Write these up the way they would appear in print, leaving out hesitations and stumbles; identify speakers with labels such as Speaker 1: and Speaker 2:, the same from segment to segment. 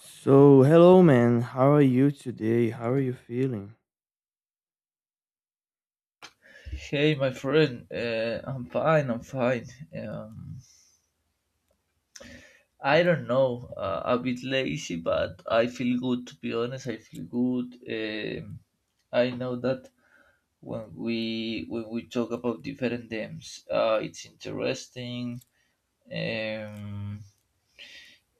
Speaker 1: So, hello, man. How are you today? How are you feeling?
Speaker 2: Hey, my friend. I'm fine. I'm fine. Um, I don't know. A bit lazy, but I feel good. To be honest, I feel good. I know that when we talk about different games, it's interesting. Um,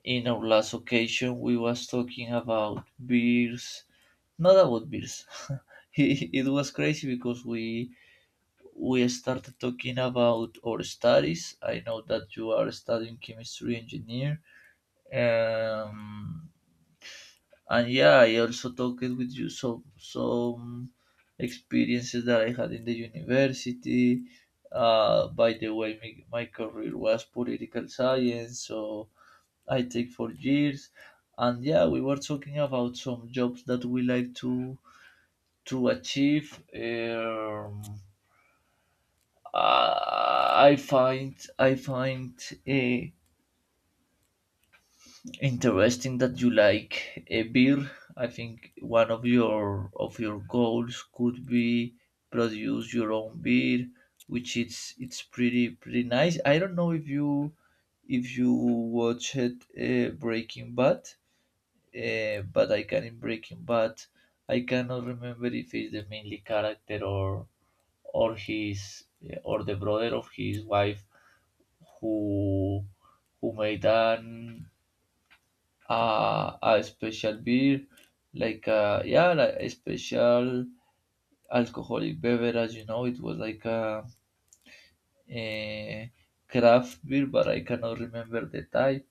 Speaker 2: in our last occasion, we was talking about beers. Not about beers. It was crazy because we started talking about our studies. I know that you are studying chemistry engineer, um, and yeah, I also talked with you some experiences that I had in the university. By the way, my career was political science, so I take 4 years, and yeah, we were talking about some jobs that we like to achieve. I find uh, Interesting that you like a beer. I think one of your goals could be produce your own beer, which it's pretty nice. I don't know if you watched Breaking Bad, but I can in Breaking Bad. I cannot remember if he's the mainly character or his or the brother of his wife who who made an a special beer like yeah like a special alcoholic beverage, you know, it was like a craft beer, but I cannot remember the type.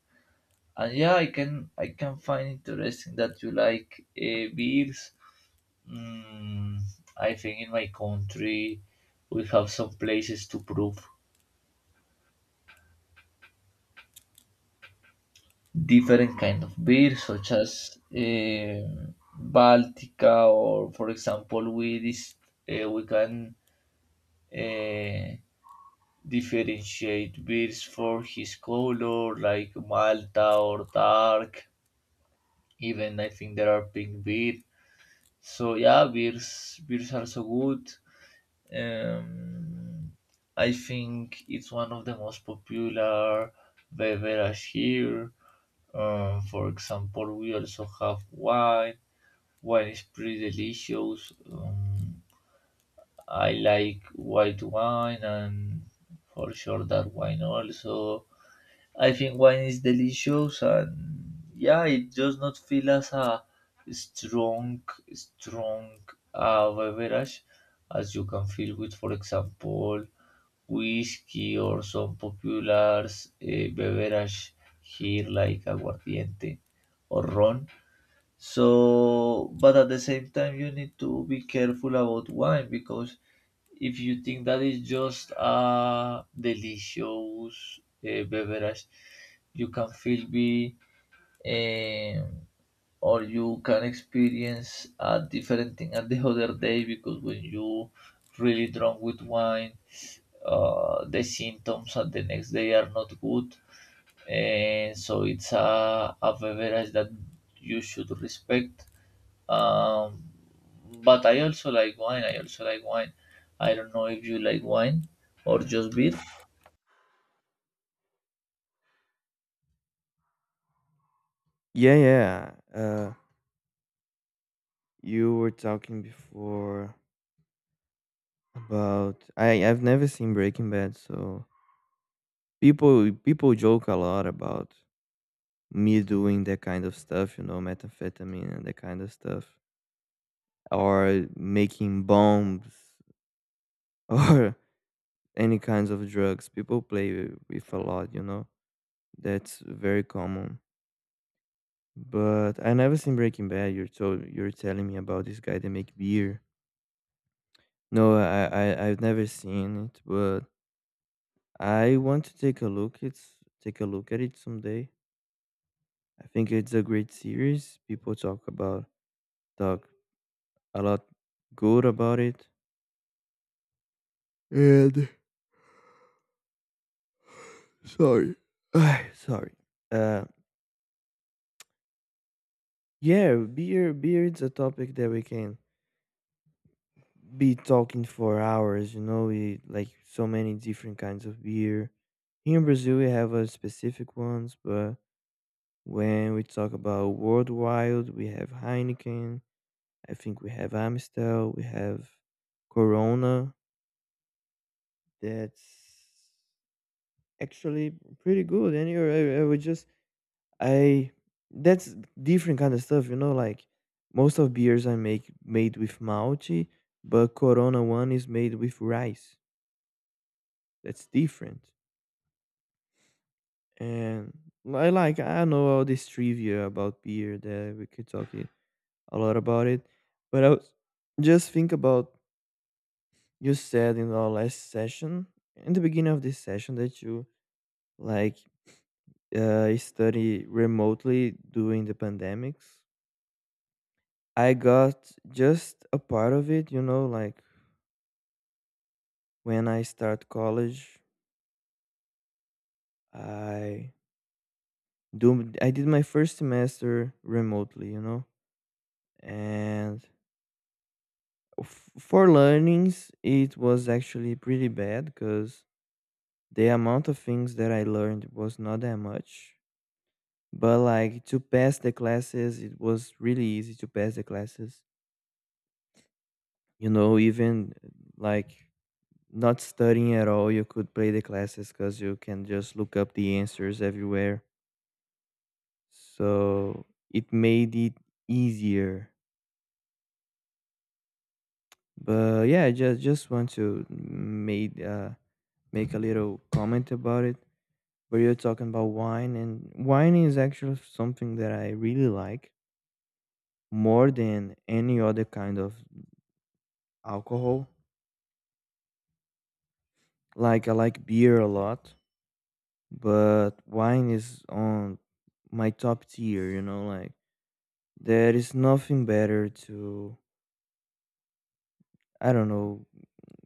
Speaker 2: And yeah, I can find interesting that you like beers. mm, I think in my country we have some places to prove different kind of beer, such as Baltica, or for example we can uh, differentiate beers for his color, like Malta or dark. Even I think there are pink beer, so yeah, beers are so good. um, I think it's one of the most popular beverage here. For example, we also have wine. Wine is pretty delicious. I like white wine, and for sure that wine also. I think wine is delicious, and yeah, it does not feel as a strong, strong beverage as you can feel with, for example, whiskey or some popular beverage here, like aguardiente or ron. So, but at the same time, you need to be careful about wine, because if you think that is just a delicious beverage, you can feel be um, or you can experience a different thing at the other day. Because when you really drunk with wine, the symptoms at the next day are not good, and so it's a beverage that you should respect. um, but I also like wine. I also like wine. I don't know if you like wine or just beer.
Speaker 1: Yeah, yeah. You were talking before about I've never seen Breaking Bad, so people joke a lot about me doing that kind of stuff, you know, methamphetamine and that kind of stuff, or making bombs or any kinds of drugs. People play with a lot, you know. That's very common. But I never seen Breaking Bad. You're telling me about this guy that make beer. No, I've never seen it, but I want to take a look. It's take a look at it someday. I think it's a great series. People talk a lot good about it. And sorry, sorry. Uh, yeah, beer is a topic that we can be talking for hours, you know, we like so many different kinds of beer. Here in Brazil, we have specific ones, but when we talk about worldwide, we have Heineken, I think we have Amstel, we have Corona. That's actually pretty good. And you're, I would just, I, that's different kind of stuff, you know, like most of beers I make made with malte, but Corona one is made with rice. That's different. And I know all this trivia about beer that we could a lot about it. But I was just think about you said in our last session, in the beginning of this session that you like study remotely during the pandemics. I got just a part of it, you know, like when I start college, I I did my first semester remotely, you know, and for learnings it was actually pretty bad because the amount of things that I learned was not that much, but like to pass the classes it was really easy to pass the classes, you know, even like not studying at all you could play the classes because you can just look up the answers everywhere. So it made it easier. But yeah, I just want to made make a little comment about it where you're talking about wine, and wine is actually something that I really like more than any other kind of alcohol. Like I like beer a lot, but wine is on my top tier, you know, like there is nothing better to, I don't know,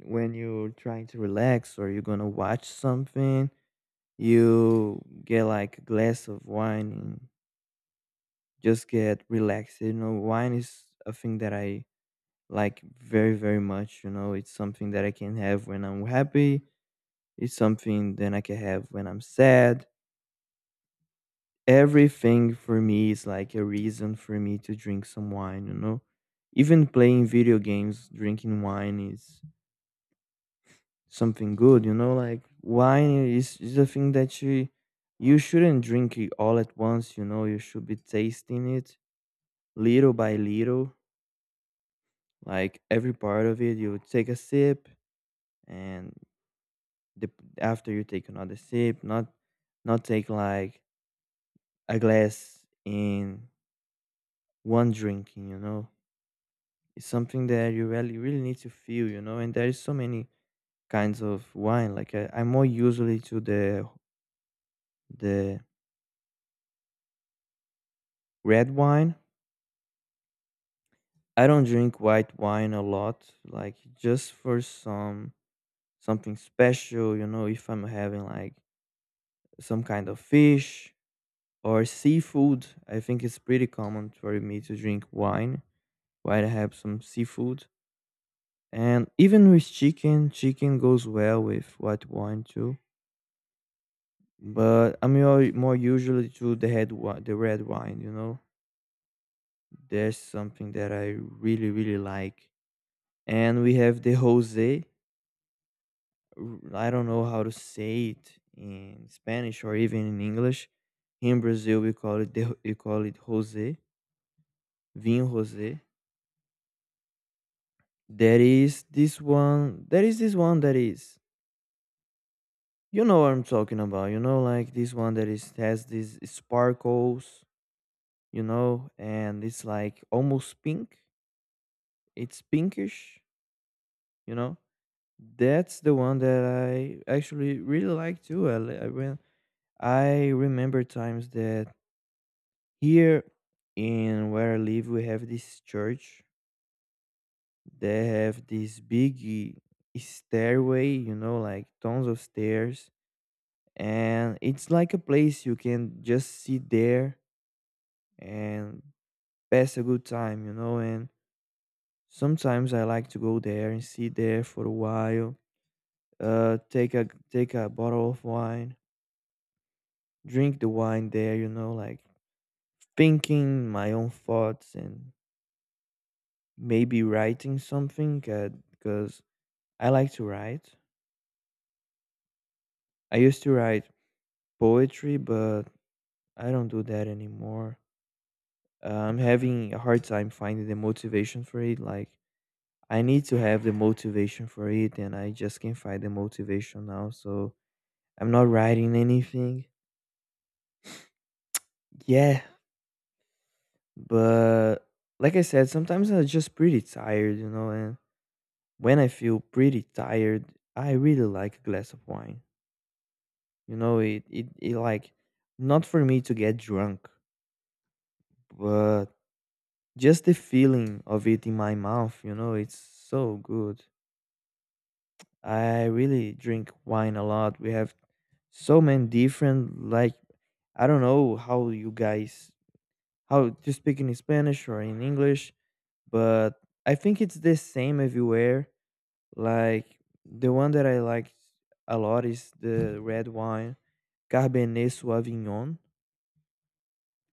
Speaker 1: when you're trying to relax or you're going to watch something, you get like a glass of wine and just get relaxed. You know, wine is a thing that I like very much. You know, it's something that I can have when I'm happy, it's something that I can have when I'm sad. Everything for me is like a reason for me to drink some wine, you know, even playing video games drinking wine is something good, you know, like wine is a thing that you shouldn't drink it all at once. You know, you should be tasting it little by little, like every part of it you take a sip and the after you take another sip, not take like a glass in one drinking, you know. It's something that you really need to feel, you know, and there is so many kinds of wine. Like I'm more usually to the red wine. I don't drink white wine a lot, like just for some something special, you know, if I'm having like some kind of fish or seafood, I think it's pretty common for me to drink wine. White have some seafood, and even with chicken, chicken goes well with white wine too. But I'm more usually to the the red wine. You know, there's something that I really like, and we have the rosé. I don't know how to say it in Spanish or even in English. In Brazil, we call it rosé, vinho rosé. There is this one. There is this one that is, you know what I'm talking about. You know, like this one that is has these sparkles, you know, and it's like almost pink. It's pinkish, you know. That's the one that I actually really like too. I, li- I When I remember times that here in where I live, we have this church. They have this big eh, stairway, you know, like tons of stairs, and it's like a place you can just sit there and pass a good time, you know. And sometimes I like to go there and sit there for a while, take a bottle of wine, drink the wine there, you know, like thinking my own thoughts and maybe writing something because I like to write. I used to write poetry, but I don't do that anymore. I'm having a hard time finding the motivation for it. Like I need to have the motivation for it, and I just can't find the motivation now. So I'm not writing anything. Yeah, but like I said, sometimes I'm just pretty tired, you know. And when I feel pretty tired, I really like a glass of wine. You know, it like not for me to get drunk, but just the feeling of it in my mouth. You know, it's so good. I really drink wine a lot. We have so many different, like I don't know how you guys how to speak in Spanish or in English, but I think it's the same everywhere. Like the one that I like a lot is the red wine, Cabernet Sauvignon,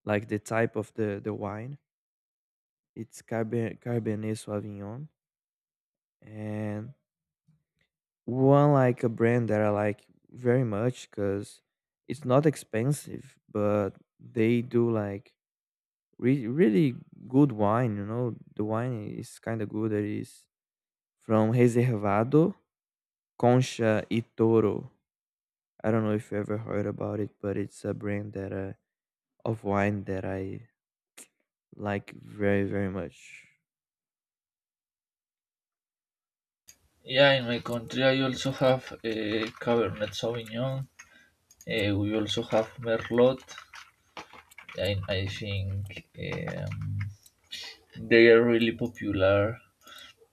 Speaker 1: like the type of the wine. It's Cabernet Sauvignon, and one like a brand that I like very much because it's not expensive, but they do like really good wine. You know, the wine is kind of good. It is from Reservado Concha y Toro. I don't know if you ever heard about it, but it's a brand that of wine that I like very much.
Speaker 2: Yeah, in my country I also have Cabernet Sauvignon. We also have Merlot. I think they are really popular.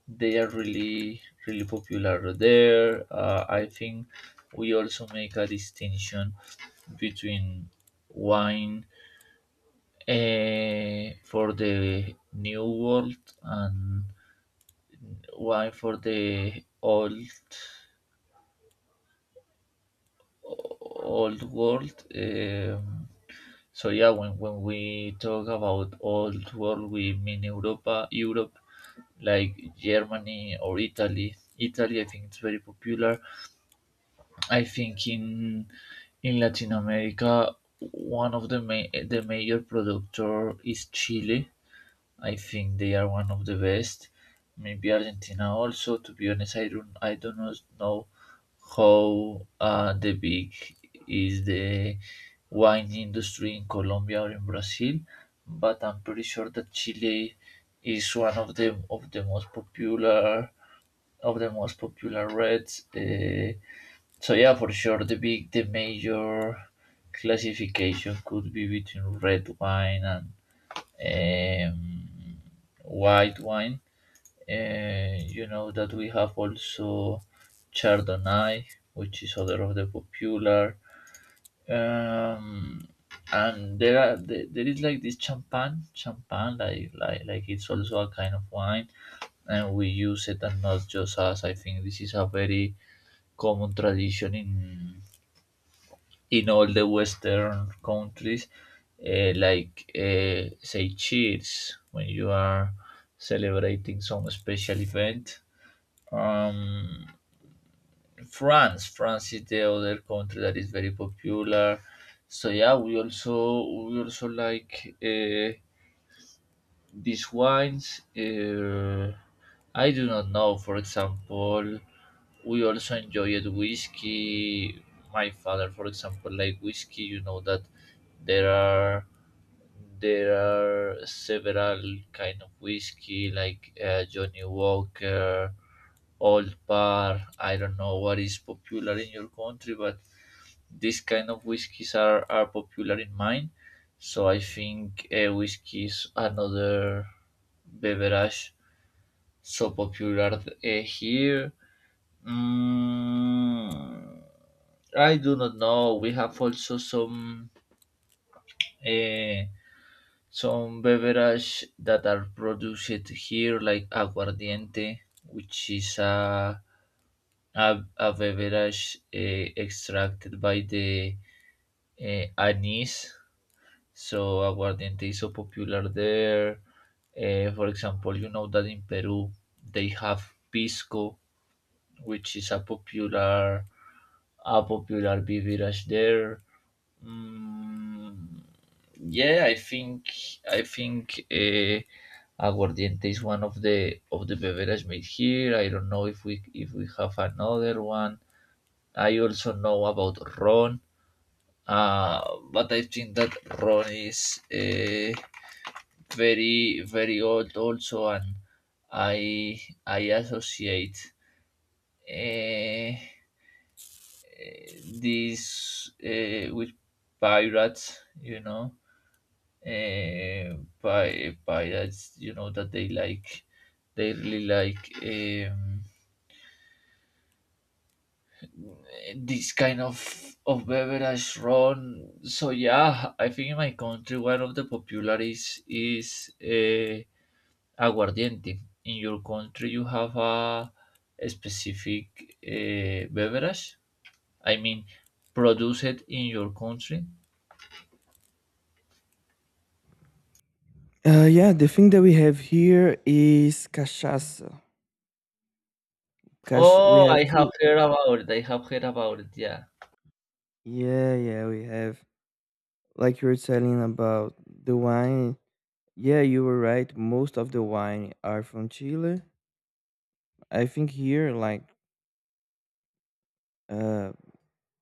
Speaker 2: They are really, really popular there. I think we also make a distinction between wine, eh, for the new world, and one for the old world. So yeah, when we talk about old world, we mean Europa, Europe, like Germany or Italy. Italy, I think it's very popular. I think in Latin America, one of the ma- the major productor is Chile. I think they are one of the best. Maybe Argentina also. To be honest, I do not know how the big is the wine industry in Colombia or in Brazil, but I'm pretty sure that Chile is one of the most popular of the most popular reds. So yeah, for sure, the major classification could be between red wine and um, white wine. You know that we have also Chardonnay, which is other of the popular. Um, and there is like this champagne, champagne, like it's also a kind of wine, and we use it. And not just us. I think this is a very common tradition in all the Western countries, like say cheers when you are celebrating some special event. Um, France, France is the other country that is very popular. So yeah, we also like. These wines, I do not know. For example, we also enjoyed whiskey. My father, for example, like whiskey. You know that there are there are several kind of whiskey, like Johnny Walker, Old Par. I don't know what is popular in your country, but these kind of whiskies are popular in mine. So I think whiskey is another beverage so popular here. Mm, I do not know. We have also uh, some beverage that are produced here, like aguardiente, which is a a beverage extracted by the anise. So aguardiente is so popular there. Eh, for example, you know that in Peru they have pisco, which is a popular beverage there. Mm, yeah, I think aguardiente is one of the beverage made here. I don't know if we have another one. I also know about ron, uh, but I think that ron is. Eh, very very old also. And i I associate uh, this with pirates, you know, uh, pirates. You know that they like they really like this kind of beverage ron. So yeah, I think in my country one of the popular is Aguardiente. In your country, you have a specific beverage? I mean, produced in your country?
Speaker 1: Yeah, the thing that we have here is cachaça. Cash, we
Speaker 2: Oh,
Speaker 1: have
Speaker 2: I have
Speaker 1: two.
Speaker 2: heard about it. I have heard about it. Yeah.
Speaker 1: Yeah, yeah, we have. Like you were telling about the wine. Yeah, you were right. Most of the wine are from Chile. I think here, like, uh,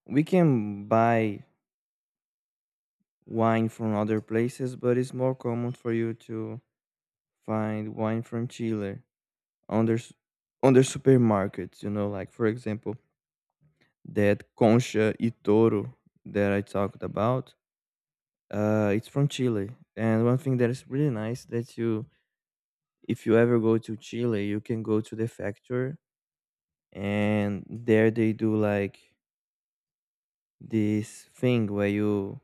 Speaker 1: we can buy wine from other places, but it's more common for you to find wine from Chile on on their supermarkets. You know, like for example, that Concha y Toro that I talked about. It's from Chile, and one thing that is really nice that you, if you ever go to Chile, you can go to the factory, and there they do like this thing where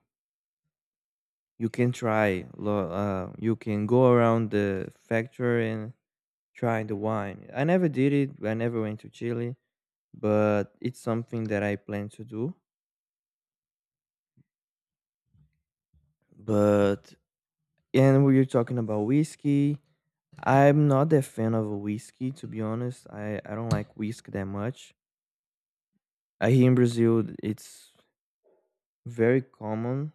Speaker 1: you can you can go around the factory and try the wine. I never did it, I never went to Chile, but it's something that I plan to do. But and we are talking about whiskey, I'm not a fan of whiskey, to be honest. I don't like whiskey that much. Here in Brazil it's very common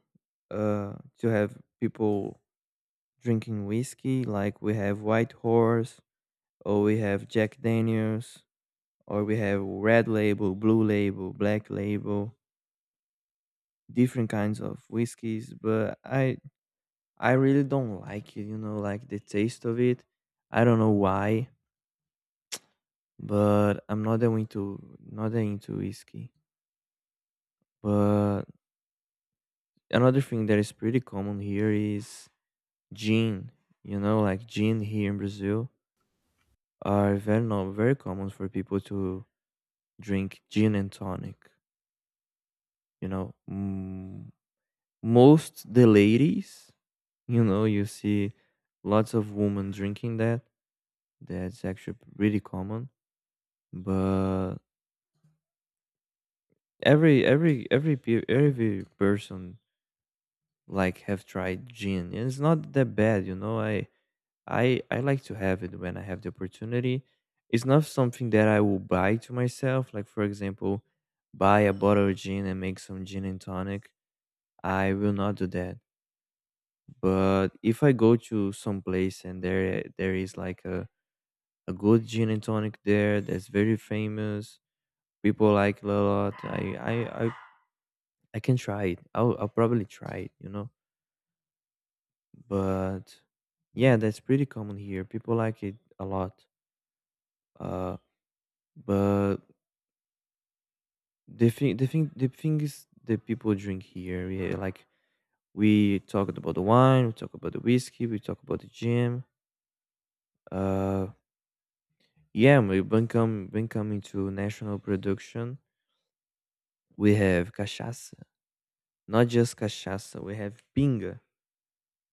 Speaker 1: to have people drinking whiskey, like we have White Horse or we have Jack Daniels or we have Red Label, Blue Label, Black Label, different kinds of whiskeys, but I really don't like it, you know, like the taste of it. I don't know why, but I'm not that into whiskey. But another thing that is pretty common here is gin. You know, like gin here in Brazil are very no very common for people to drink gin and tonic. You know, mm, most the ladies, you know, you see lots of women drinking that. That's actually pretty common. But every person like have tried gin, and it's not that bad. You know, I like to have it when I have the opportunity. It's not something that I will buy to myself. Like for example, buy a bottle of gin and make some gin and tonic. I will not do that. But if I go to some place and there is like a good gin and tonic there that's very famous. People like it a lot. I I, I can try it. I'll probably try it. You know, but yeah, that's pretty common here. People like it a lot. Uh, but the thing is that people drink here. Yeah, like we talked about the wine, we talk about the whiskey, we talk about the gin. Uh, yeah, we when come when coming to national production, we have cachaça. Not just cachaça, we have pinga.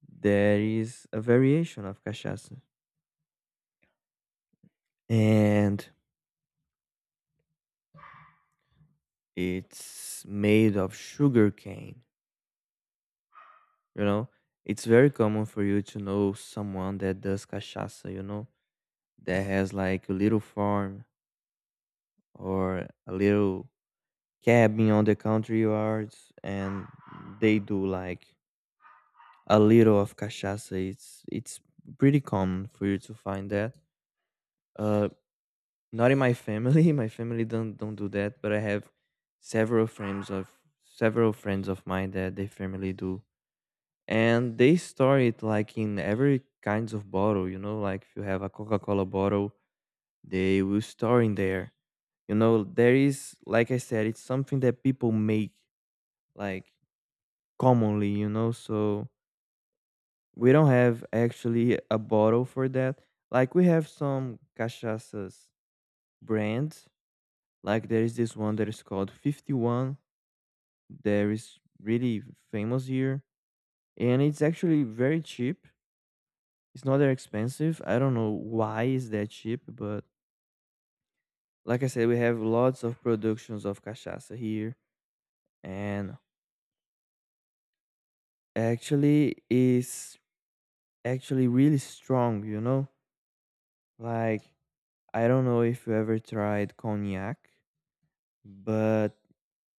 Speaker 1: There is a variation of cachaça, and it's made of sugar cane. You know, it's very common for you to know someone that does cachaça, you know, that has like a little farm or a little cabin on the country yards, and they do like a little of cachaça. It's pretty common for you to find that. Uh, Not in my family. My family don't do that, but I have several friends of several friends of mine that their family do. And they store it like in every kinds of bottle, you know, like if you have a Coca-Cola bottle, they will store in there. You know, there is, like I said, it's something that people make like commonly, you know, so we don't have actually a bottle for that. Like we have some cachaças brands. Like there is this one that is called 51. There is really famous here, and it's actually very cheap. It's not that expensive. I don't know why it's that cheap, but like I said, we have lots of productions of cachaça here, and actually is actually really strong. You know, like I don't know if you ever tried cognac, but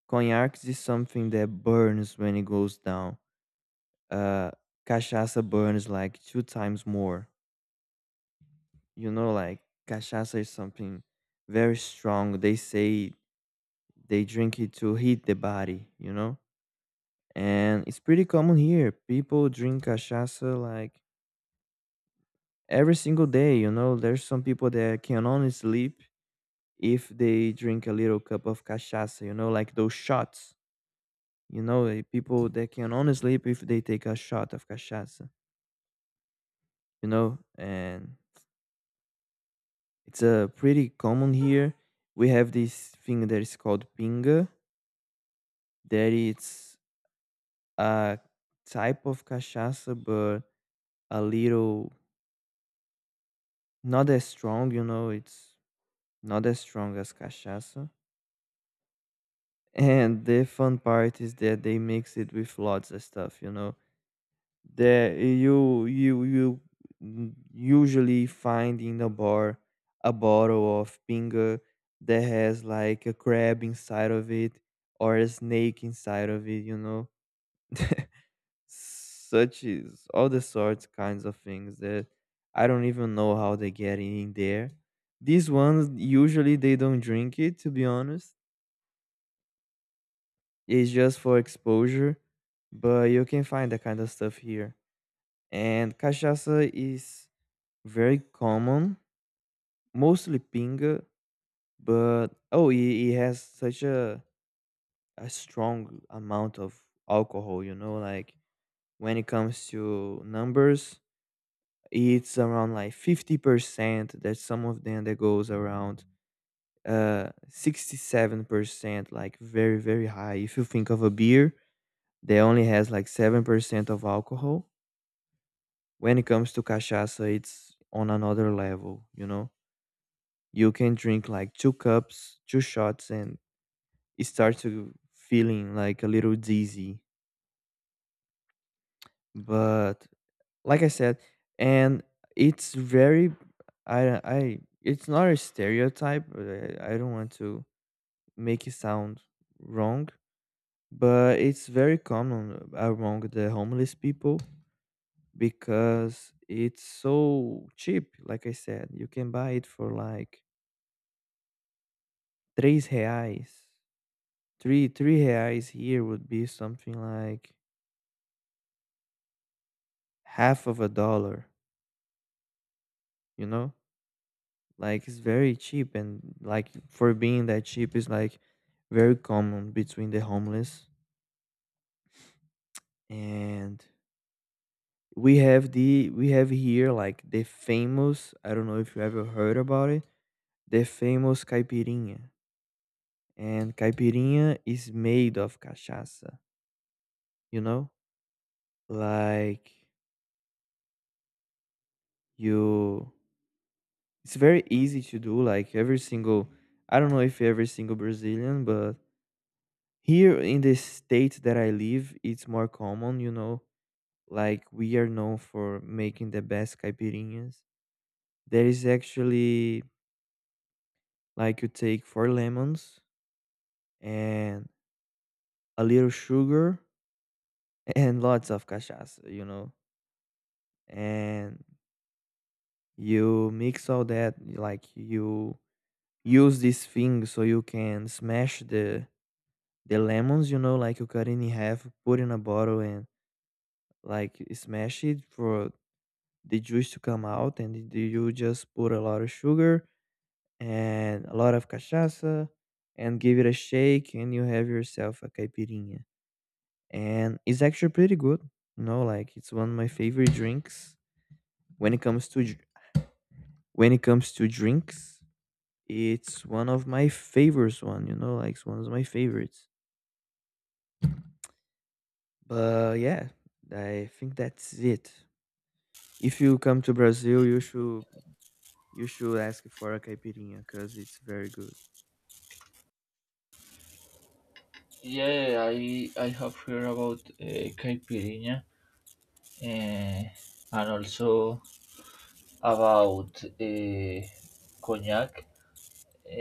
Speaker 1: cognac is something that burns when it goes down. uh Cachaça burns like two times more, you know. Like cachaça is something very strong. They say they drink it to heat the body, you know. And it's pretty common here, people drink cachaça like every single day, you know. There's some people that can only sleep if they drink a little cup of cachaça, you know, like those shots, you know. People that can only sleep if they take a shot of cachaça, you know. And it's pretty common here. We have this thing that is called pinga, that it's a type of cachaça, but a little not as strong, you know, it's not as strong as cachaça. And the fun part is that they mix it with lots of stuff, you know, that you usually find in a bar a bottle of pinga that has like a crab inside of it or a snake inside of it, you know. Such is all the sorts kinds of things that I don't even know how they get in there. These ones usually they don't drink it, to be honest. It's just for exposure. But you can find that kind of stuff here. And cachaça is very common, mostly pinga, but oh, it has such a strong amount of alcohol. You know, like when it comes to numbers, it's around like 50%. There's some of them that goes around 67%, like very very high. If you think of a beer that only has like 7% of alcohol, when it comes to cachaça it's on another level, you know. You can drink like two cups, two shots, and it starts to feeling like a little dizzy. But like I said, and it's very, it's not a stereotype, but I don't want to make it sound wrong, but it's very common among the homeless people because it's so cheap. Like I said, you can buy it for like tres reais. Three reais here would be something like half of a dollar, you know? Like it's very cheap, and like for being that cheap is like very common between the homeless. And we have here like the famous, I don't know if you ever heard about it, the famous caipirinha. And caipirinha is made of cachaça, you know? Like you— it's very easy to do, like every single, I don't know if every single Brazilian, but here in the state that I live, it's more common, you know, like we are known for making the best caipirinhas. There is actually, like, you take 4 lemons and a little sugar and lots of cachaça, you know, and you mix all that like you use this thing so you can smash the lemons, you know, like you cut it in half, put in a bottle and like smash it for the juice to come out, and do you just put a lot of sugar and a lot of cachaça and give it a shake and you have yourself a caipirinha. And it's actually pretty good. You know, like it's one of my favorite drinks. When it comes to dr- when it comes to drinks, it's one of my favorites one, you know, like it's one of my favorites. But yeah, I think that's it. If you come to Brazil, you should ask for a caipirinha because it's very good.
Speaker 2: Yeah, I have heard about caipirinha, and also about cognac.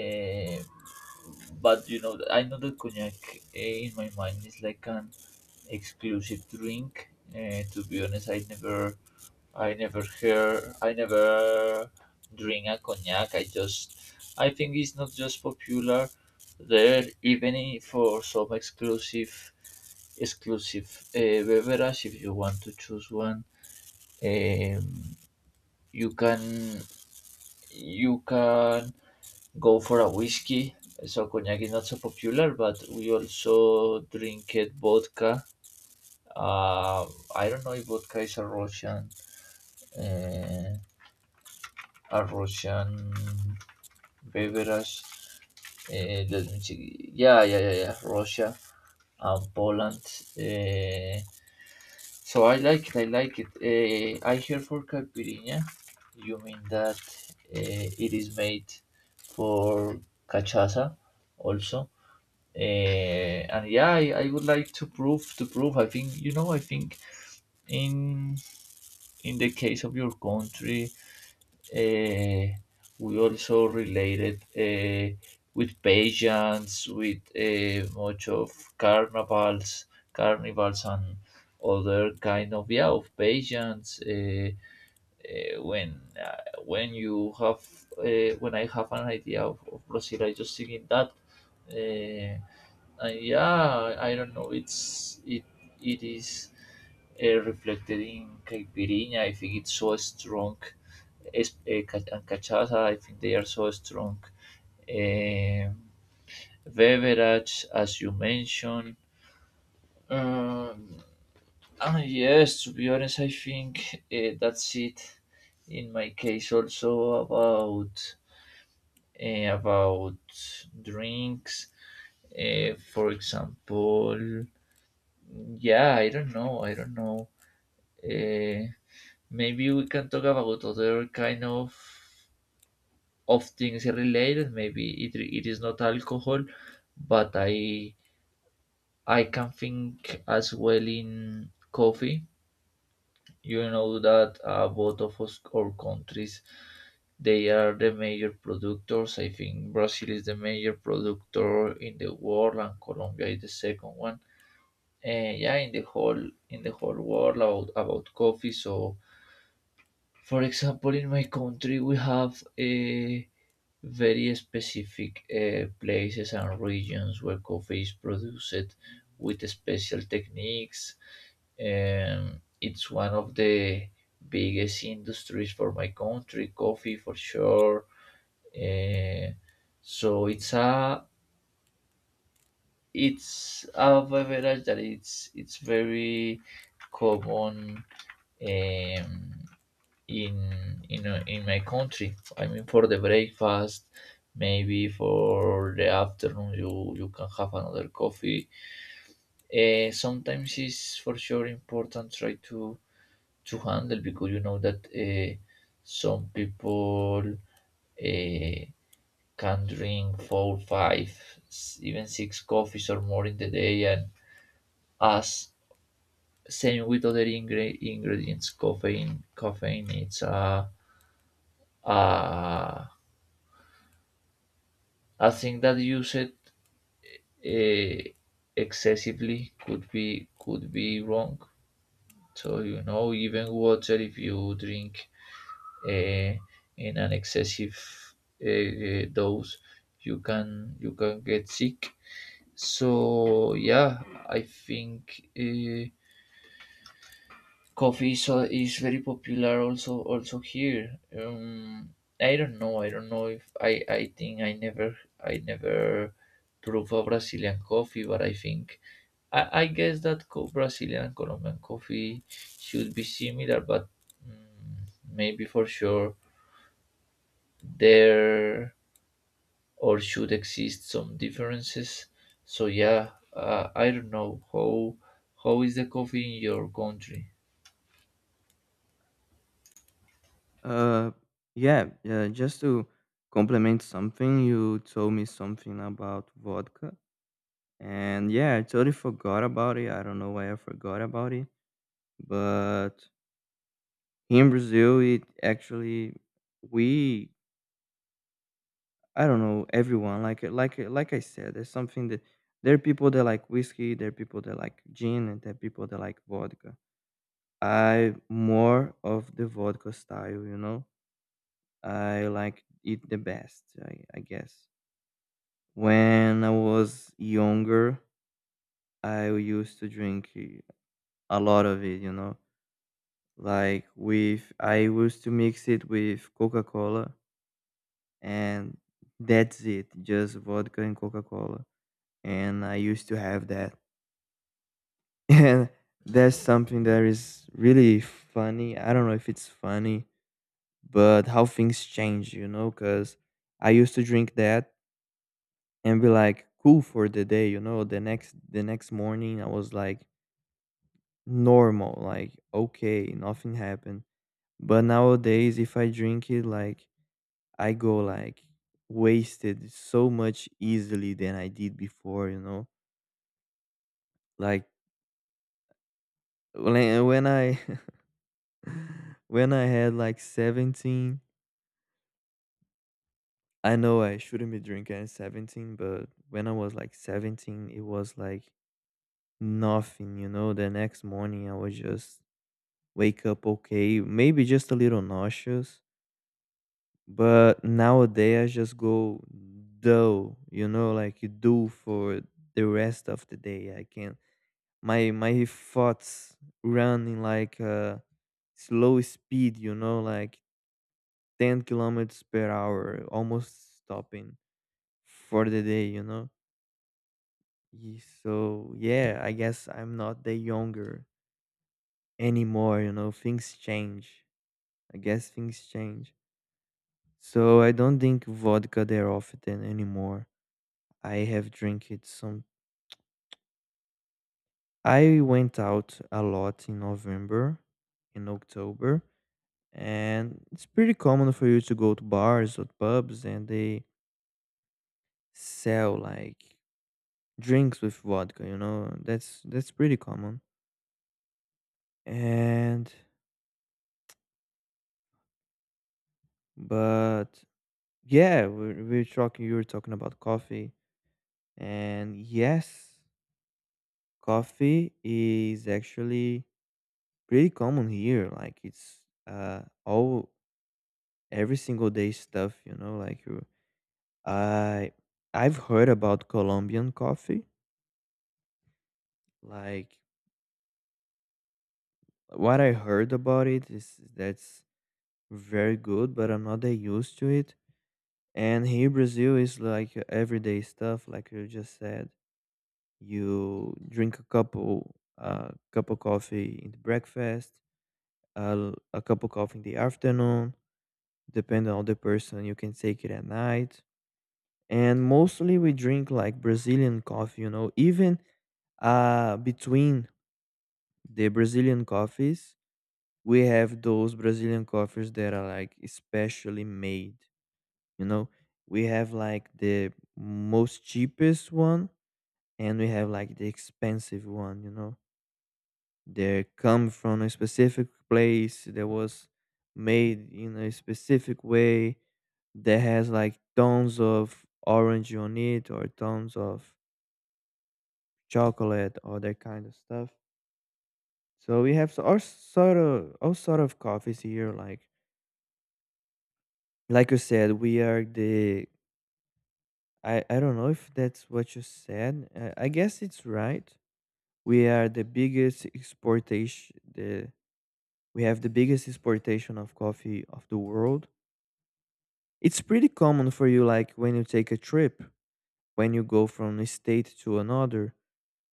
Speaker 2: Uh, but you know, I know that cognac, eh, in my mind is like an exclusive drink. To be honest, I never hear, I never drink a cognac. I just, I think it's not just popular there, even for some exclusive, exclusive uh, beverage. If you want to choose one, um, you can, you can go for a whiskey. So cognac is not so popular, but we also drink it vodka. Uh, I don't know if vodka is uh, a Russian beverage. Let me check. Yeah, yeah, yeah, yeah. Russia and Poland. Uh, so I like it. I like it. I hear for caipirinha, you mean that it is made for cachaça also. And yeah, I would like to prove. I think, you know, I think in in the case of your country, uh, we also related with pageants, with much of carnivals carnivals and other kind of yeah of pageants, uh, when uh, when you have when I have an idea of Brazil I just think in that, uh, yeah, I don't know. It is reflected in caipirinha. I think it's so strong. And cachaça, I think they are so strong. Um, Beverage, as you mentioned. Um, ah, yes, to be honest, I think that's it. In my case, also about about drinks. Eh, for example, yeah, I don't know. I don't know. Uh, Maybe we can talk about other kind of things related. Maybe it it is not alcohol, but I can think as well in coffee. You know that both of us our countries they are the major producers. I think Brazil is the major producer in the world, and Colombia is the second one. Yeah, in the whole world about coffee. So for example, in my country, we have a very specific, eh, places and regions where coffee is produced with special techniques. It's one of the biggest industries for my country, coffee for sure. Eh, so it's a beverage that it's very common. Um, in in my country. I mean, for the breakfast, maybe for the afternoon, you can have another coffee. Sometimes it's for sure important try to handle, because you know that some people uh, can drink four, five, even six coffees or more in the day, and us same with other ingredients. Caffeine, caffeine, it's a uh, I think that used excessively could be wrong. So you know, even water, if you drink in an excessive dose, you can get sick. So yeah, I think. Coffee so is very popular also also here. I don't know, I don't know if I think I never I never prove a Brazilian coffee, but I think, I guess that Brazilian and Colombian coffee should be similar, but maybe for sure there or should exist some differences. So yeah, I don't know how is the coffee in your country.
Speaker 1: Uh, yeah, yeah. Just to complement something, you told me something about vodka, and yeah, I totally forgot about it. I don't know why I forgot about it, but here in Brazil, it actually— we, I don't know, everyone like I said, there's something that there are people that like whiskey, there are people that like gin, and there are people that like vodka. I more of the vodka style, you know. I like it the best, I guess. When I was younger, I used to drink a lot of it, you know. Like with I used to mix it with Coca-Cola, and that's it, just vodka and Coca-Cola. And I used to have that. And that's something that is really funny. I don't know if it's funny, but how things change, you know, because I used to drink that and be like cool for the day, you know. The next morning I was like normal, like okay, nothing happened. But nowadays if I drink it, like, I go like wasted so much easily than I did before, you know. Like when I when I had like 17, I know I shouldn't be drinking at 17, but when I was like 17, it was like nothing, you know. The next morning I was just wake up okay, maybe just a little nauseous, but nowadays I just go dull, you know, like you do for the rest of the day. I can, my thoughts running like a slow speed, you know, like 10 kilometers per hour, almost stopping for the day, you know. So yeah, I guess I'm not the younger anymore, you know, things change. I guess things change. So I don't drink vodka there often anymore. I have drank it some. I went out a lot in November, in October, and it's pretty common for you to go to bars or pubs and they sell like drinks with vodka, you know? That's pretty common. And but yeah, we're talking you were talking about coffee, and yes, coffee is actually pretty common here. Like it's all every single day stuff, you know, like you— I I've heard about Colombian coffee. Like what I heard about it is that's very good, but I'm not that used to it. And here Brazil is like your everyday stuff, like you just said. You drink a couple cup of coffee in the breakfast, a cup of coffee in the afternoon, depending on the person you can take it at night, and mostly we drink like Brazilian coffee, you know. Even between the Brazilian coffees, we have those Brazilian coffees that are like especially made, you know. We have like the most cheapest one and we have like the expensive one, you know. They come from a specific place that was made in a specific way that has like tons of orange on it or tons of chocolate, all that kind of stuff. So we have all sort of coffees here. Like you said, we are the— I don't know if that's what you said. I guess it's right. We are the biggest exportation. The We have the biggest exportation of coffee of the world. It's pretty common for you, like when you take a trip, when you go from a state to another.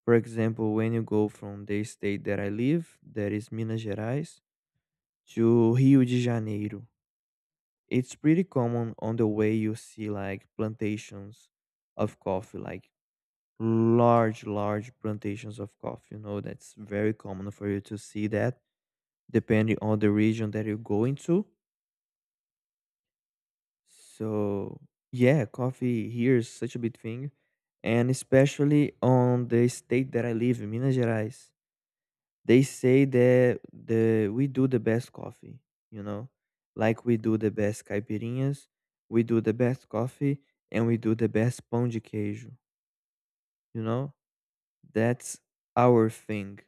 Speaker 1: For example, when you go from the state that I live, that is Minas Gerais, to Rio de Janeiro, it's pretty common on the way you see like plantations of coffee, like large, large plantations of coffee. You know, that's very common for you to see that depending on the region that you go into. So, yeah, coffee here is such a big thing. And especially on the state that I live in, Minas Gerais. They say that the we do the best coffee, you know? Like we do the best caipirinhas, we do the best coffee, and we do the best pão de queijo, you know? That's our thing.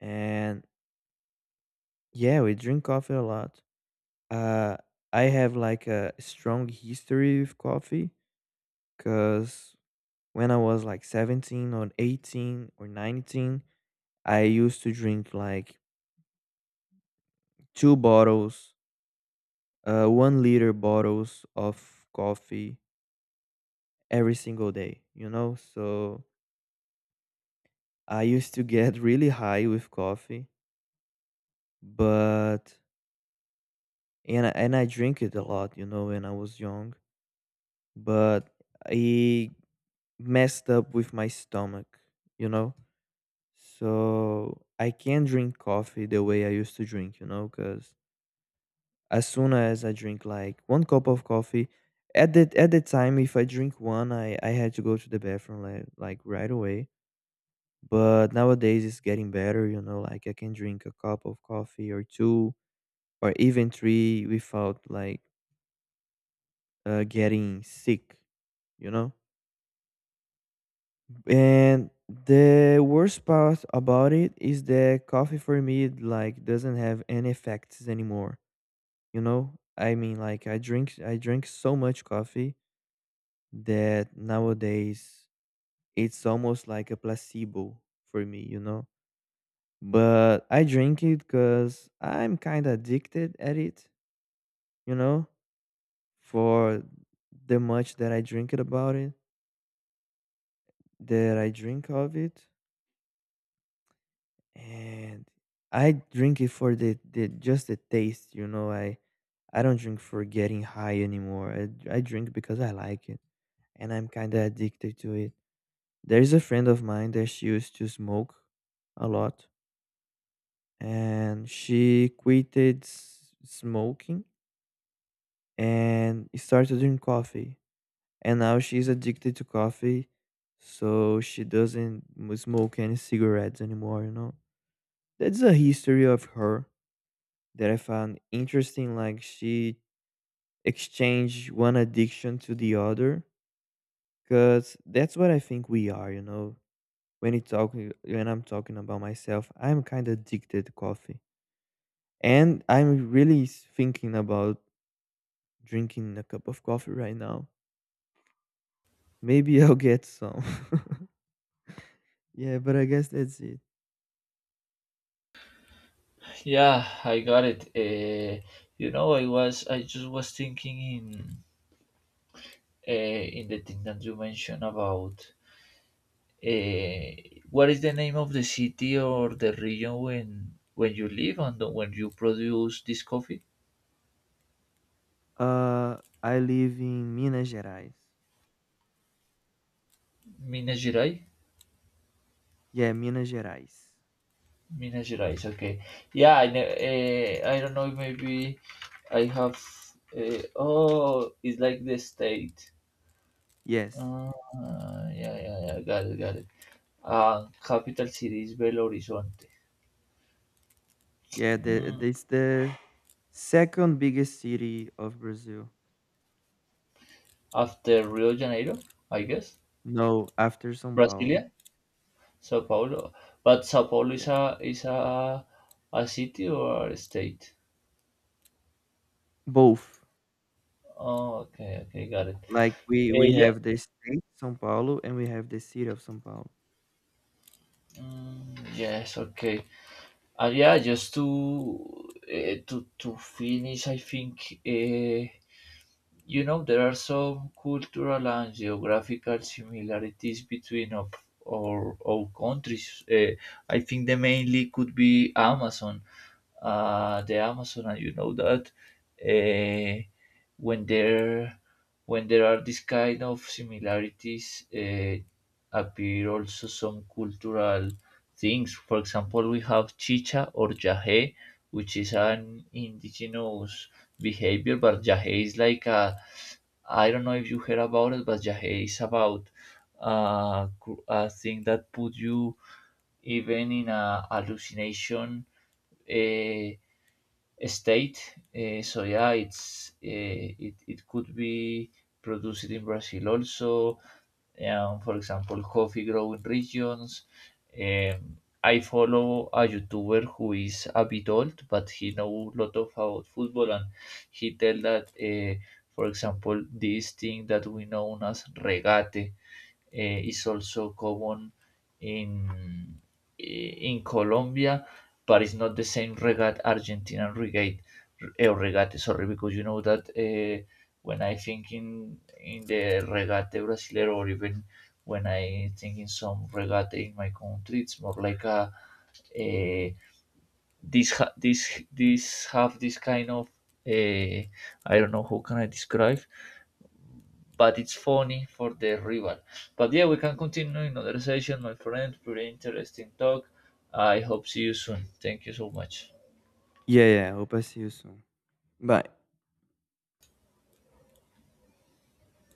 Speaker 1: And yeah, we drink coffee a lot. Uh, I have like a strong history with coffee because when I was like 17 or 18 or 19, I used to drink like two bottles 1 liter bottles of coffee every single day, you know? So I used to get really high with coffee, but, I- and I drink it a lot, you know, when I was young, but it messed up with my stomach, you know? So I can't drink coffee the way I used to drink, you know, because as soon as I drink like one cup of coffee, at the time if I drink one, I had to go to the bathroom like right away. But nowadays it's getting better, you know. Like I can drink a cup of coffee or two or even three without like getting sick, you know. And the worst part about it is that coffee for me like doesn't have any effects anymore, you know. I mean, like, I drink so much coffee that nowadays it's almost like a placebo for me, you know. But I drink it because I'm kind of addicted at it, you know, for the much that I drink it about it, that I drink of it, and I drink it for the just the taste, you know. I don't drink for getting high anymore. I drink because I like it, and I'm kind of addicted to it. There's a friend of mine that she used to smoke a lot, and she quitted smoking and started drinking coffee. And now she's addicted to coffee, so she doesn't smoke any cigarettes anymore, you know. That's a history of her that I found interesting. Like she exchanged one addiction to the other, because that's what I think we are, you know. When I'm talking about myself, I'm kind of addicted to coffee, and I'm really thinking about drinking a cup of coffee right now. Maybe I'll get some. Yeah, but I guess that's it.
Speaker 2: Yeah, I got it. You know, I just was thinking in the thing that you mentioned about what is the name of the city or the region when you live and when you produce this coffee?
Speaker 1: I live in Minas Gerais.
Speaker 2: Minas Gerais.
Speaker 1: Yeah, Minas Gerais.
Speaker 2: Minas Gerais. Okay. Yeah, I don't know. Maybe I have. Oh, it's like the state.
Speaker 1: Yes.
Speaker 2: Uh, yeah, yeah, yeah. Got it, got it. Capital city is Belo Horizonte.
Speaker 1: Yeah, the,
Speaker 2: Mm,
Speaker 1: it's the second biggest city of Brazil.
Speaker 2: After Rio de Janeiro, I guess.
Speaker 1: No, after São Paulo.
Speaker 2: Brasilia, Sao Paulo. But Sao Paulo is
Speaker 1: Yeah.
Speaker 2: a city or a state?
Speaker 1: Both.
Speaker 2: Oh, okay, okay, got it.
Speaker 1: Like we
Speaker 2: Yeah.
Speaker 1: have the state São Paulo and we have the city of São Paulo.
Speaker 2: Yes. Okay. Yeah. Just to finish, I think you know there are some cultural and geographical similarities between of our countries. I think the mainly could be Amazon. The Amazon, and you know that uh, when there when there are these kind of similarities, appear also some cultural things. For example, we have chicha or yahe, which is an indigenous behavior, but yahe is like a, I don't know if you heard about it, but yahe is about a thing that put you even in a hallucination. Uh, State. So yeah, it it could be produced in Brazil also. For example, coffee growing regions. Um, I follow a YouTuber who is a bit old, but he knows a lot of about football, and he tell that, for example, this thing that we know as regate is also common in, eh, in Colombia, but it's not the same reggae, Argentinian reggae, reggae. Sorry, because you know that when I think in the reggae brasileiro, or even when I think in some reggae in my country, it's more like a this have this kind of uh, I don't know how can I describe, but it's funny for the rival. But yeah, we can continue in another session, my friend. Pretty interesting talk. I hope see you soon. Thank you so much.
Speaker 1: Yeah, yeah. Hope I see you soon. Bye.